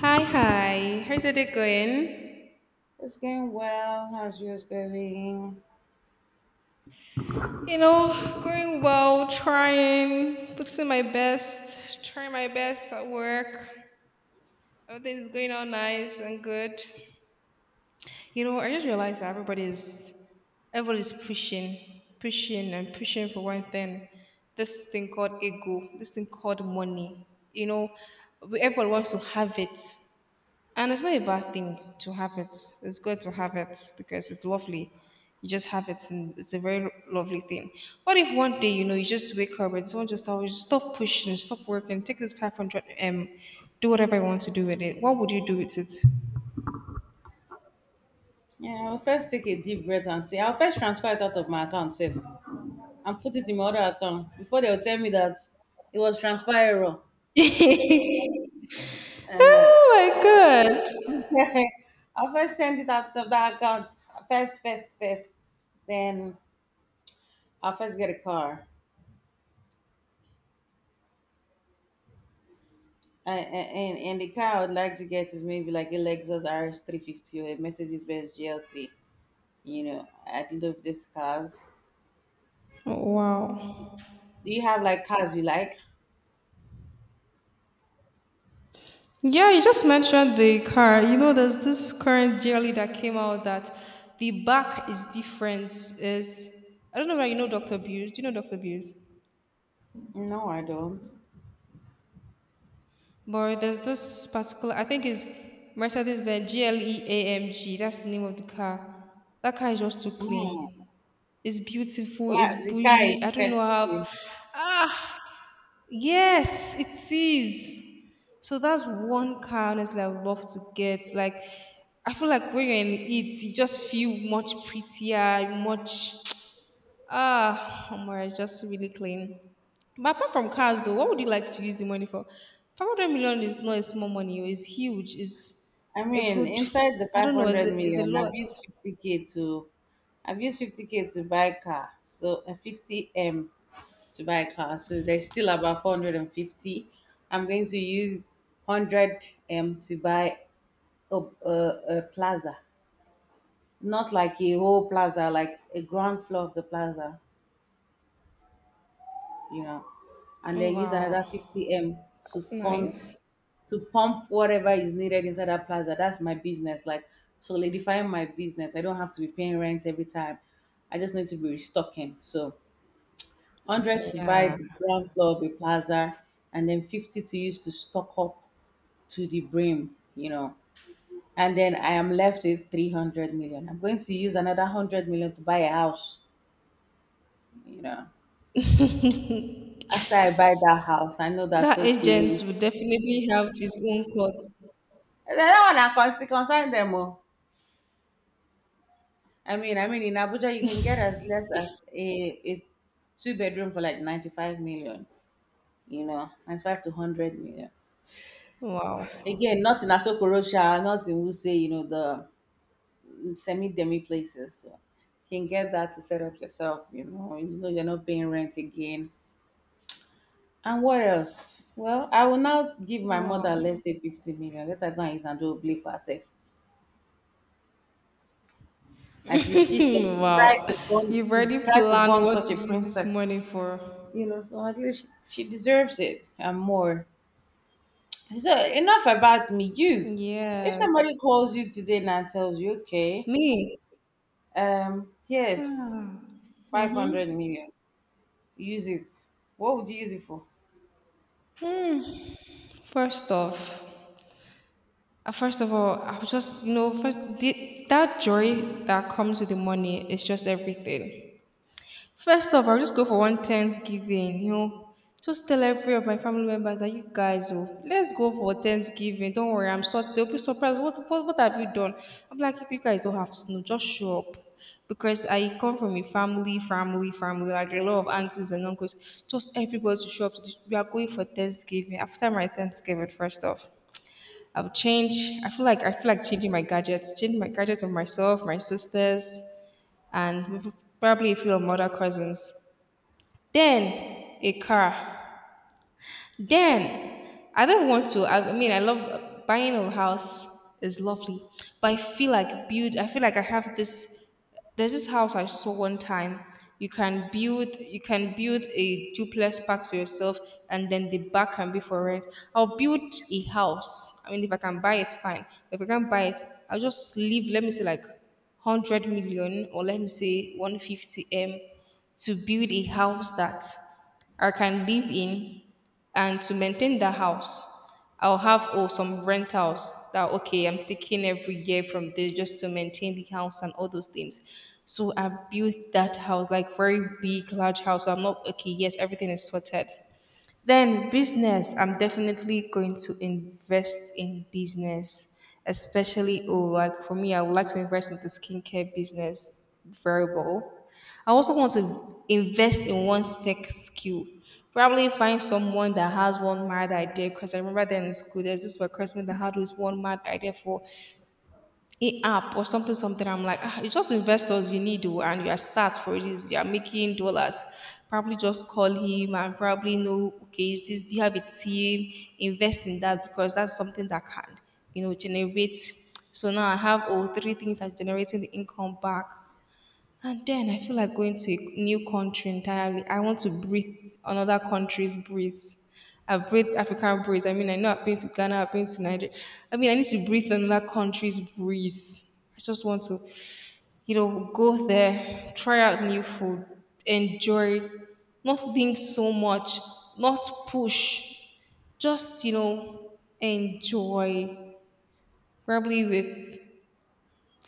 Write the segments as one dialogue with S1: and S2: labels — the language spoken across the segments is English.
S1: Hi, hi. How's your day going?
S2: It's going well. How's yours going?
S1: You know, Going well, trying, putting my best, trying my best at work. Everything is going on nice and good. I just realized that everybody's pushing, pushing and pushing for one thing. This thing called ego, this thing called money. You know, Everybody wants to have it. And it's not a bad thing to have it. It's good to have it because it's lovely. You just have it, and it's a very lovely thing. What if one day, you just wake up and someone just tells you, stop pushing, stop working, take this 500 M, do whatever you want to do with it? What would you do with it?
S2: Yeah, I'll first take a deep breath and see. I'll first transfer it out of my account safe and put it in my other account before they'll tell me that it was transfer error.
S1: Oh
S2: Uh-huh.
S1: my God.
S2: I'll first send it out of that account. First, first, first. Then I'll first get a car. And the car I would like to get is maybe like a Lexus RS350 or a Mercedes Benz GLC. You know, I love these cars.
S1: Oh, wow.
S2: Do you have like cars you like?
S1: Yeah, you just mentioned the car. There's this current jelly that came out that the back is different. Is I don't know whether you know Dr. Beers. Do you know Dr. Beers?
S2: No, I don't.
S1: But there's this particular. I think it's Mercedes Benz GLE AMG. That's the name of the car. That car is just too
S2: Mm.
S1: clean. It's beautiful.
S2: Like
S1: It's
S2: the car is
S1: bougie. I don't know how.
S2: sexy.
S1: Yes, it is. So that's one car honestly I would love to get. Like I feel like when you're in it, you just feel much prettier, much oh my, it's just really clean. But apart from cars though, what would you like to use the money for? 500 million is not a small money, oh, it's huge, it's
S2: I
S1: a
S2: mean,
S1: good
S2: inside the
S1: I don't know, it's
S2: 500
S1: a, it's a
S2: million,
S1: lot.
S2: I've used 50k to buy a car. So a 50m to buy a car. So there's still about 450. I'm going to use 100m to buy a, a, a plaza. Not like a whole plaza, like a ground floor of the plaza. you know, and
S1: Oh,
S2: then use another
S1: wow.
S2: 50M to
S1: That's
S2: fund
S1: nice.
S2: to pump whatever is needed inside that plaza. That's my business, like solidifying my business. I don't have to be paying rent every time. I just need to be restocking. So 100 to
S1: Yeah.
S2: buy the ground floor of a plaza and then 50 to use to stock up to the brim. And then I am left with 300 million. I'm going to use another 100 million to buy a house, you know. After I buy that house, I know that's
S1: That agent
S2: okay.
S1: will definitely have his own court.
S2: Eh, that one I concern concern them oh. I mean, in Abuja you can get as less as a two bedroom for like 95 million, you know, 95 to 100 million.
S1: Wow.
S2: Again, not in Asokorosha, not in Wuse, the semi demi places. So you can get that to set up yourself, you know you're not paying rent again. And what else? Well, I will now give my mother
S1: Wow.
S2: let's say 50 million. Let her go and use and do a for herself. At least she should try
S1: Wow.
S2: to bond.
S1: You've
S2: She
S1: already
S2: tried to
S1: planned
S2: bond
S1: what
S2: such a
S1: to use this money
S2: princess.
S1: for.
S2: So at least she deserves it and more. So enough about me. You, if
S1: Yes.
S2: somebody calls you today and tells you, okay,
S1: Me.
S2: here's 500 million, use it. What would you use it for?
S1: First off, first of all, I was just, that joy that comes with the money is just everything. First off, I'll just go for one Thanksgiving, just tell every of my family members that you guys, oh, let's go for Thanksgiving. Don't worry, I'm sorry. They'll be surprised. What have you done? I'm like, you guys don't have to know. Just show up. Because I come from a family, like a lot of aunties and uncles. Just everybody to show up. We are going for Thanksgiving. After my Thanksgiving, first off. I'll change. I feel like changing my gadgets of myself, my sisters, and probably a few of my other cousins. Then, a car. Then I don't want to. I mean, I love buying a house is lovely, but I feel like build. I feel like I have this. There's this house I saw one time. You can build a duplex part for yourself, and then the back can be for rent. I'll build a house. I mean, if I can buy it, fine. If I can't buy it, I'll just leave. Let me say like 100 million, or let me say 150 m, to build a house that I can live in and to maintain that house, I'll have some rentals that okay I'm taking every year from this just to maintain the house and all those things. So I built that house like very big, large house. So I'm not okay. Yes, everything is sorted. Then business, I'm definitely going to invest in business, especially like for me, I would like to invest in the skincare business variable. I also want to invest in one tech skill. Probably find someone that has one mad idea because I remember then in school there's this one classmate that had this one mad idea for a app or something I'm like it's just investors you need to and you are start for this you are making dollars probably just call him and probably know okay is this do you have a team invest in that because that's something that can generate so now I have all three things that generating the income back and then I feel like going to a new country entirely. I want to breathe another country's breeze. I've breathed African breeze. I mean, I know I've been to Ghana, I've been to Nigeria. I mean, I need to breathe another country's breeze. I just want to, go there, try out new food, enjoy, not think so much, not push, just, enjoy. Probably with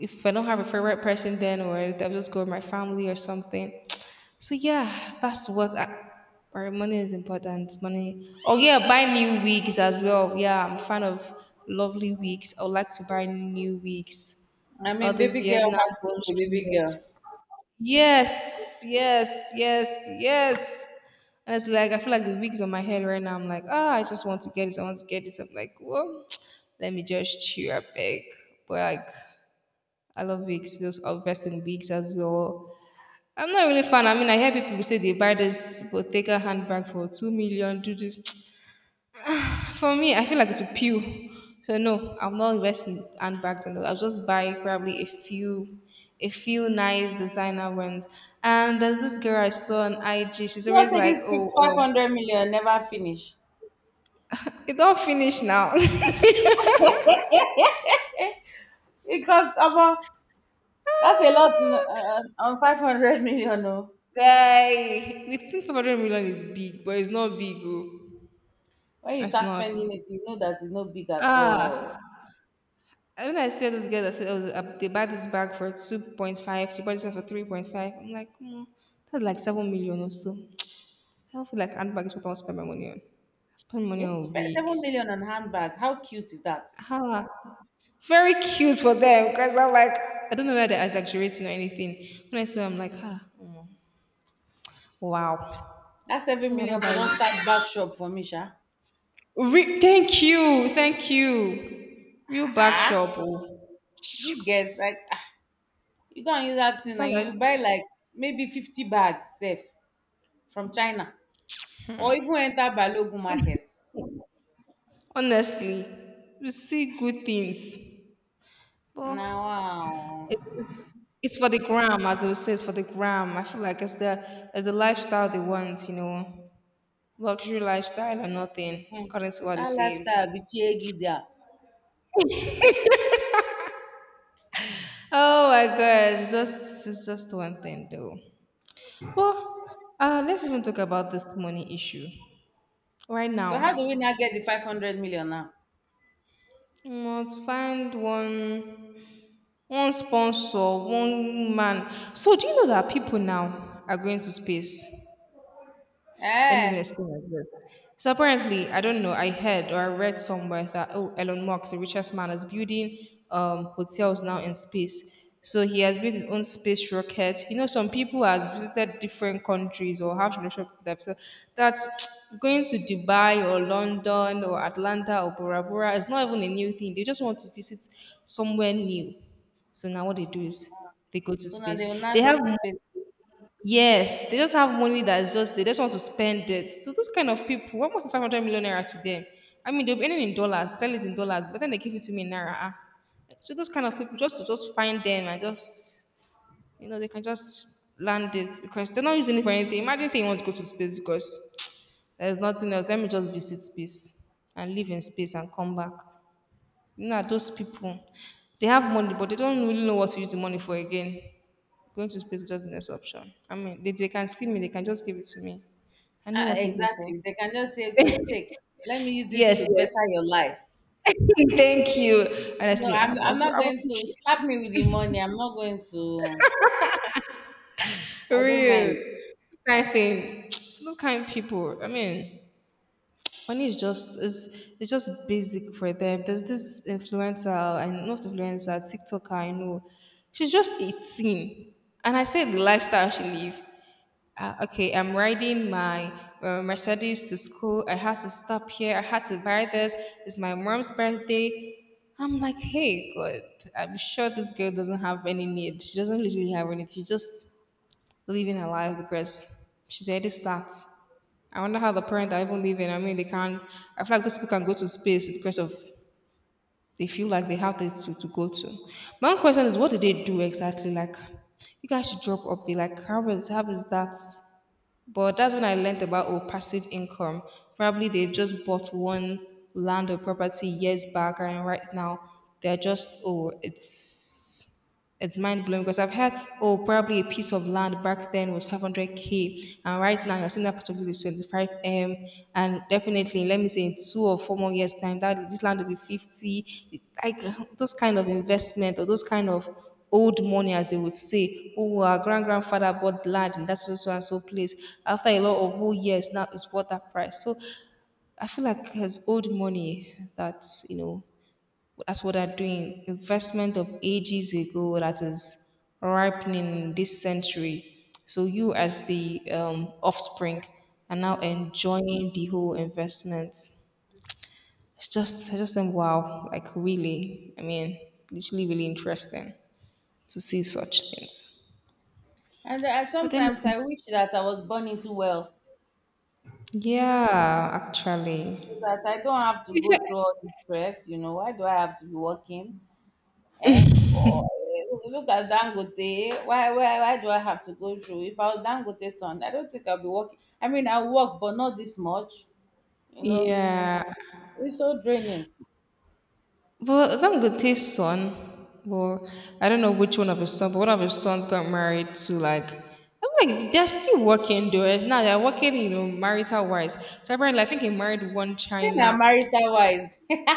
S1: if I don't have a favorite person then or I'll just go with my family or something. So yeah, that's what I, or money is important. Money. Oh yeah, buy new wigs as well. Yeah, I'm a fan of lovely wigs. I would like to buy new wigs.
S2: I
S1: All
S2: mean,
S1: these
S2: baby girl
S1: Vietnam
S2: has to
S1: bush
S2: be a baby
S1: wigs.
S2: girl.
S1: Yes, yes, yes, yes. And it's like I feel like the wigs on my head right now. I'm like, I just want to get this. I want to get this. I'm like, well, let me just cheer up, beg. Like I love wigs, those invest in wigs as well. I'm not really fan. I mean, I hear people say they buy this Bottega handbag for 2 million. Do this. For me, I feel like it's a pew. So no, I'm not investing in handbags and all. I'll just buy probably a few, nice designer ones. And there's this girl I saw on IG. She's
S2: You all
S1: always
S2: said
S1: like,
S2: this
S1: oh,
S2: five hundred million never finish.
S1: it all finished now.
S2: Because about that's a lot on 500 million. No.
S1: Guy, we think 500 million is big, but it's not big. Oh.
S2: When you
S1: It's
S2: start
S1: not.
S2: spending it, you know that it's not big at all.
S1: Ah, and when I saw this girl that said, oh, they bought this bag for 2.5, she bought this one for 3.5. I'm like, come on, that's like 7 million or so. I don't feel like handbag is what I want to spend my money on. I spend money
S2: Okay?
S1: on
S2: Seven
S1: wigs.
S2: million on handbag. How cute is that?
S1: Ah, very cute for them because I'm like, I don't know whether they're exaggerating or anything. When I see, them, I'm like, ah, wow.
S2: That's
S1: I'd
S2: seven
S1: rather
S2: million for
S1: buy
S2: don't
S1: wig.
S2: start back shop for me, Sha.
S1: Thank you, thank you. Real bag
S2: Ah,
S1: shop, oh.
S2: you get like ah, you go and use that thing
S1: Sometimes
S2: and
S1: I
S2: you
S1: just-
S2: buy like maybe 50 bags safe from China or even enter Balogun market.
S1: honestly, you see good things. But
S2: Now, wow,
S1: it's for the gram, as they would say, it's for the gram. I feel like it's the lifestyle they want, luxury lifestyle or nothing,
S2: hmm.
S1: according to what it
S2: That
S1: says.
S2: lifestyle be chegi there.
S1: Oh my God, it's just one thing though. Well, let's even talk about this money issue right
S2: So how do we
S1: now.
S2: now get the 500 million now?
S1: To find one sponsor, one man. So do you know that people now are going to space? Let me even
S2: Eh,
S1: explain like this. So apparently, I don't know, I heard or I read somewhere that oh, Elon Musk, the richest man, is building hotels now in space. So he has built his own space rocket. Some people has visited different countries or have relationship with them. So that's going to Dubai or London or Atlanta or Bora Bora is not even a new thing. They just want to visit somewhere new. So now what they do is they go to
S2: so now they will
S1: space. They
S2: now go
S1: have
S2: to space.
S1: Yes, they just have money that's just they just want to spend it. So those kind of people, what was 500 million naira to them? I mean, they'll be earning in dollars, clearly it's in dollars, but then they give it to me in naira. Ah. So those kind of people, just to just find them and just they can just land it because they're not using it for anything. Imagine saying you want to go to space because there's nothing else. Let me just visit space and live in space and come back. Nah, those people, they have money, but they don't really know what to use the money for again. Going to space is just the next option. I mean, they can see me, they can just give it to me. I know
S2: Uh,
S1: what to use it for.
S2: exactly. They can just say, okay, take, let me use this
S1: Yes,
S2: to
S1: yes.
S2: better your life.
S1: Thank you.
S2: No,
S1: Honestly, I,
S2: I'm,
S1: I,
S2: I'm not
S1: I
S2: going to
S1: appreciate it.
S2: slap me with the money. I'm not going to, I
S1: For
S2: don't
S1: real.
S2: mind.
S1: This kind of thing. Those kind of people. I mean, money is just is it's just basic for them. There's this influencer and not influencer, TikToker I know. She's just 18. And I said the lifestyle she live. Okay, I'm riding my Mercedes to school. I had to stop here. I had to buy this. It's my mom's birthday. I'm like, hey, God, I'm sure this girl doesn't have any need. She doesn't literally have anything. She's just living her life because she's already sacked. I wonder how the parents are even living. I mean, they can't. I feel like those people can go to space because of they feel like they have this to go to. My own question is, what do they do exactly? Like, you guys should drop up there. Like, how is that? But that's when I learned about oh, passive income. Probably they've just bought one land or property years back, and right now they're just oh, it's mind blowing because I've had oh, probably a piece of land back then was 500K, and right now you're seeing that particular is 25M, and definitely let me say in two or four more years time that this land will be 50. Like those kind of investment or those kind of old money, as they would say, oh, our grand grandfather bought land in that so so and so place. After a lot of oh years, now it's worth that price. So I feel like as old money, that's you know that's what they're doing. Investment of ages ago that is ripening this century. So you as the offspring are now enjoying the whole investment. It's just, I just think wow, like really. I mean, literally really interesting to see such things.
S2: And
S1: But then
S2: sometimes I wish that I was born into wealth
S1: yeah, actually.
S2: so that I don't have to
S1: If I
S2: go through all the stress. You know, why do I have to be working? Eh? Oh, eh, look at Dangote. Why do I have to go through? If I was Dangote's son, I don't think I'll be working. I mean, I work, but not this much. You know,
S1: yeah.
S2: it's so draining.
S1: But thank good his son. Well, I don't know which one of his sons, but one of his sons got married to, like, I'm like they're still working though. It's not they're working, you know, marital wise. So apparently I think he married one
S2: Say na
S1: China.
S2: marital wise.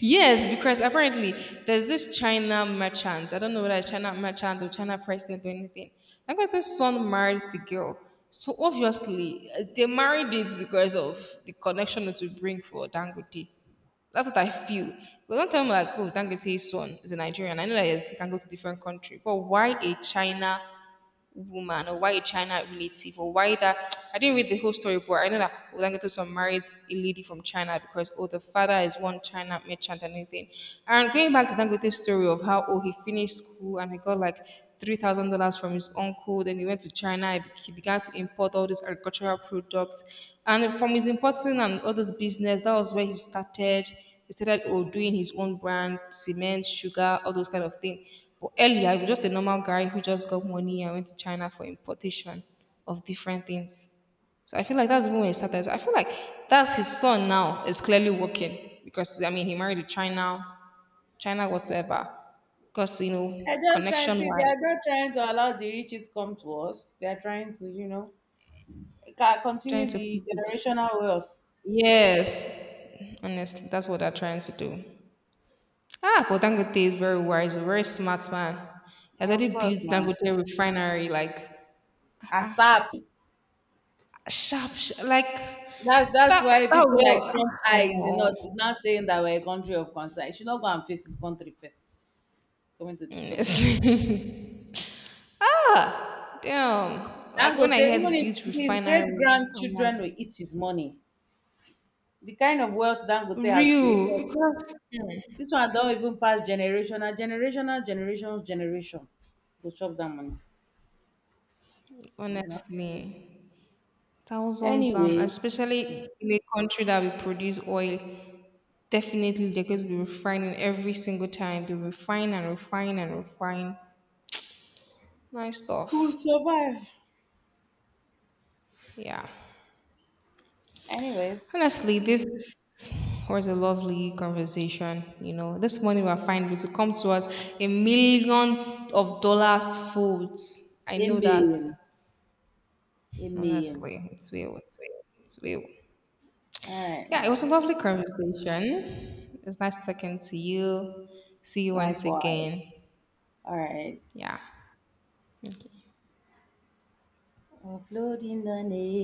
S1: Yes, because apparently there's this China merchant. I don't know whether it's China merchant or China president or anything. I got the son married the girl. So obviously they married it because of the connection it will bring for Dangote. That's what I feel. But don't tell me like, oh, Dangote's son is a Nigerian. I know that he can go to different country, but why a China woman or why a China relative or why that I didn't read the whole story, but I know that Olangotoso married a lady from China because oh the father is one China merchant and anything. And going back to Dangote's story of how oh he finished school and he got like $3,000 from his uncle, then he went to China, he began to import all these agricultural products. And from his importing and all this business, that was where he started oh, doing his own brand, cement, sugar, all those kind of things. But earlier, he was just a normal guy who just got money and went to China for importation of different things. So I feel like that's when he started. So I feel like that's his son now is clearly working because I mean he married a China, China whatsoever. Because you
S2: I
S1: know
S2: just try and
S1: connection
S2: see they are
S1: wise,
S2: not trying to allow the riches come to us. They are trying to, you know,
S1: trying
S2: continue
S1: to
S2: the
S1: put it.
S2: generational wealth.
S1: Yes, honestly, that's what they're trying to do. Ah, but Dangote is very wise, a very smart man. He has
S2: Of
S1: already
S2: course,
S1: built
S2: now
S1: Dangote refinery, like
S2: ASAP.
S1: sharp, like
S2: That's
S1: that.
S2: why
S1: Oh
S2: people
S1: well,
S2: like Trump
S1: ah, come
S2: eyes, is
S1: on.
S2: not saying that we're a country of concern. He should not go and face his country first. He's coming to disturb us.
S1: Honestly. ah, damn. Like when I
S2: Dangote, even
S1: heard
S2: if
S1: built
S2: his great
S1: refinery, I'm like
S2: grandchildren will eat his money, the kind of wealth Dangote has created.
S1: real because hmm,
S2: This one don even pass generation, na generational generations generation go chop that money, you know.
S1: honestly, thousands and
S2: Anyways,
S1: especially in a country that we produce oil, definitely they're going to be refining every single time. They refine and refine and refine. Nice
S2: who
S1: stuff.
S2: survive.
S1: Yeah.
S2: Anyways,
S1: Honestly, this was a lovely conversation. You know, this money we're finding to come to us in millions of dollars foods. I know that.
S2: amen, amen.
S1: Honestly, it's will, it's will, it's will.
S2: Alright
S1: Yeah, it was a
S2: now,
S1: lovely conversation. It's nice talking to you. See you once
S2: likewise.
S1: again.
S2: Alright,
S1: Yeah. Okay.
S2: uploading the name.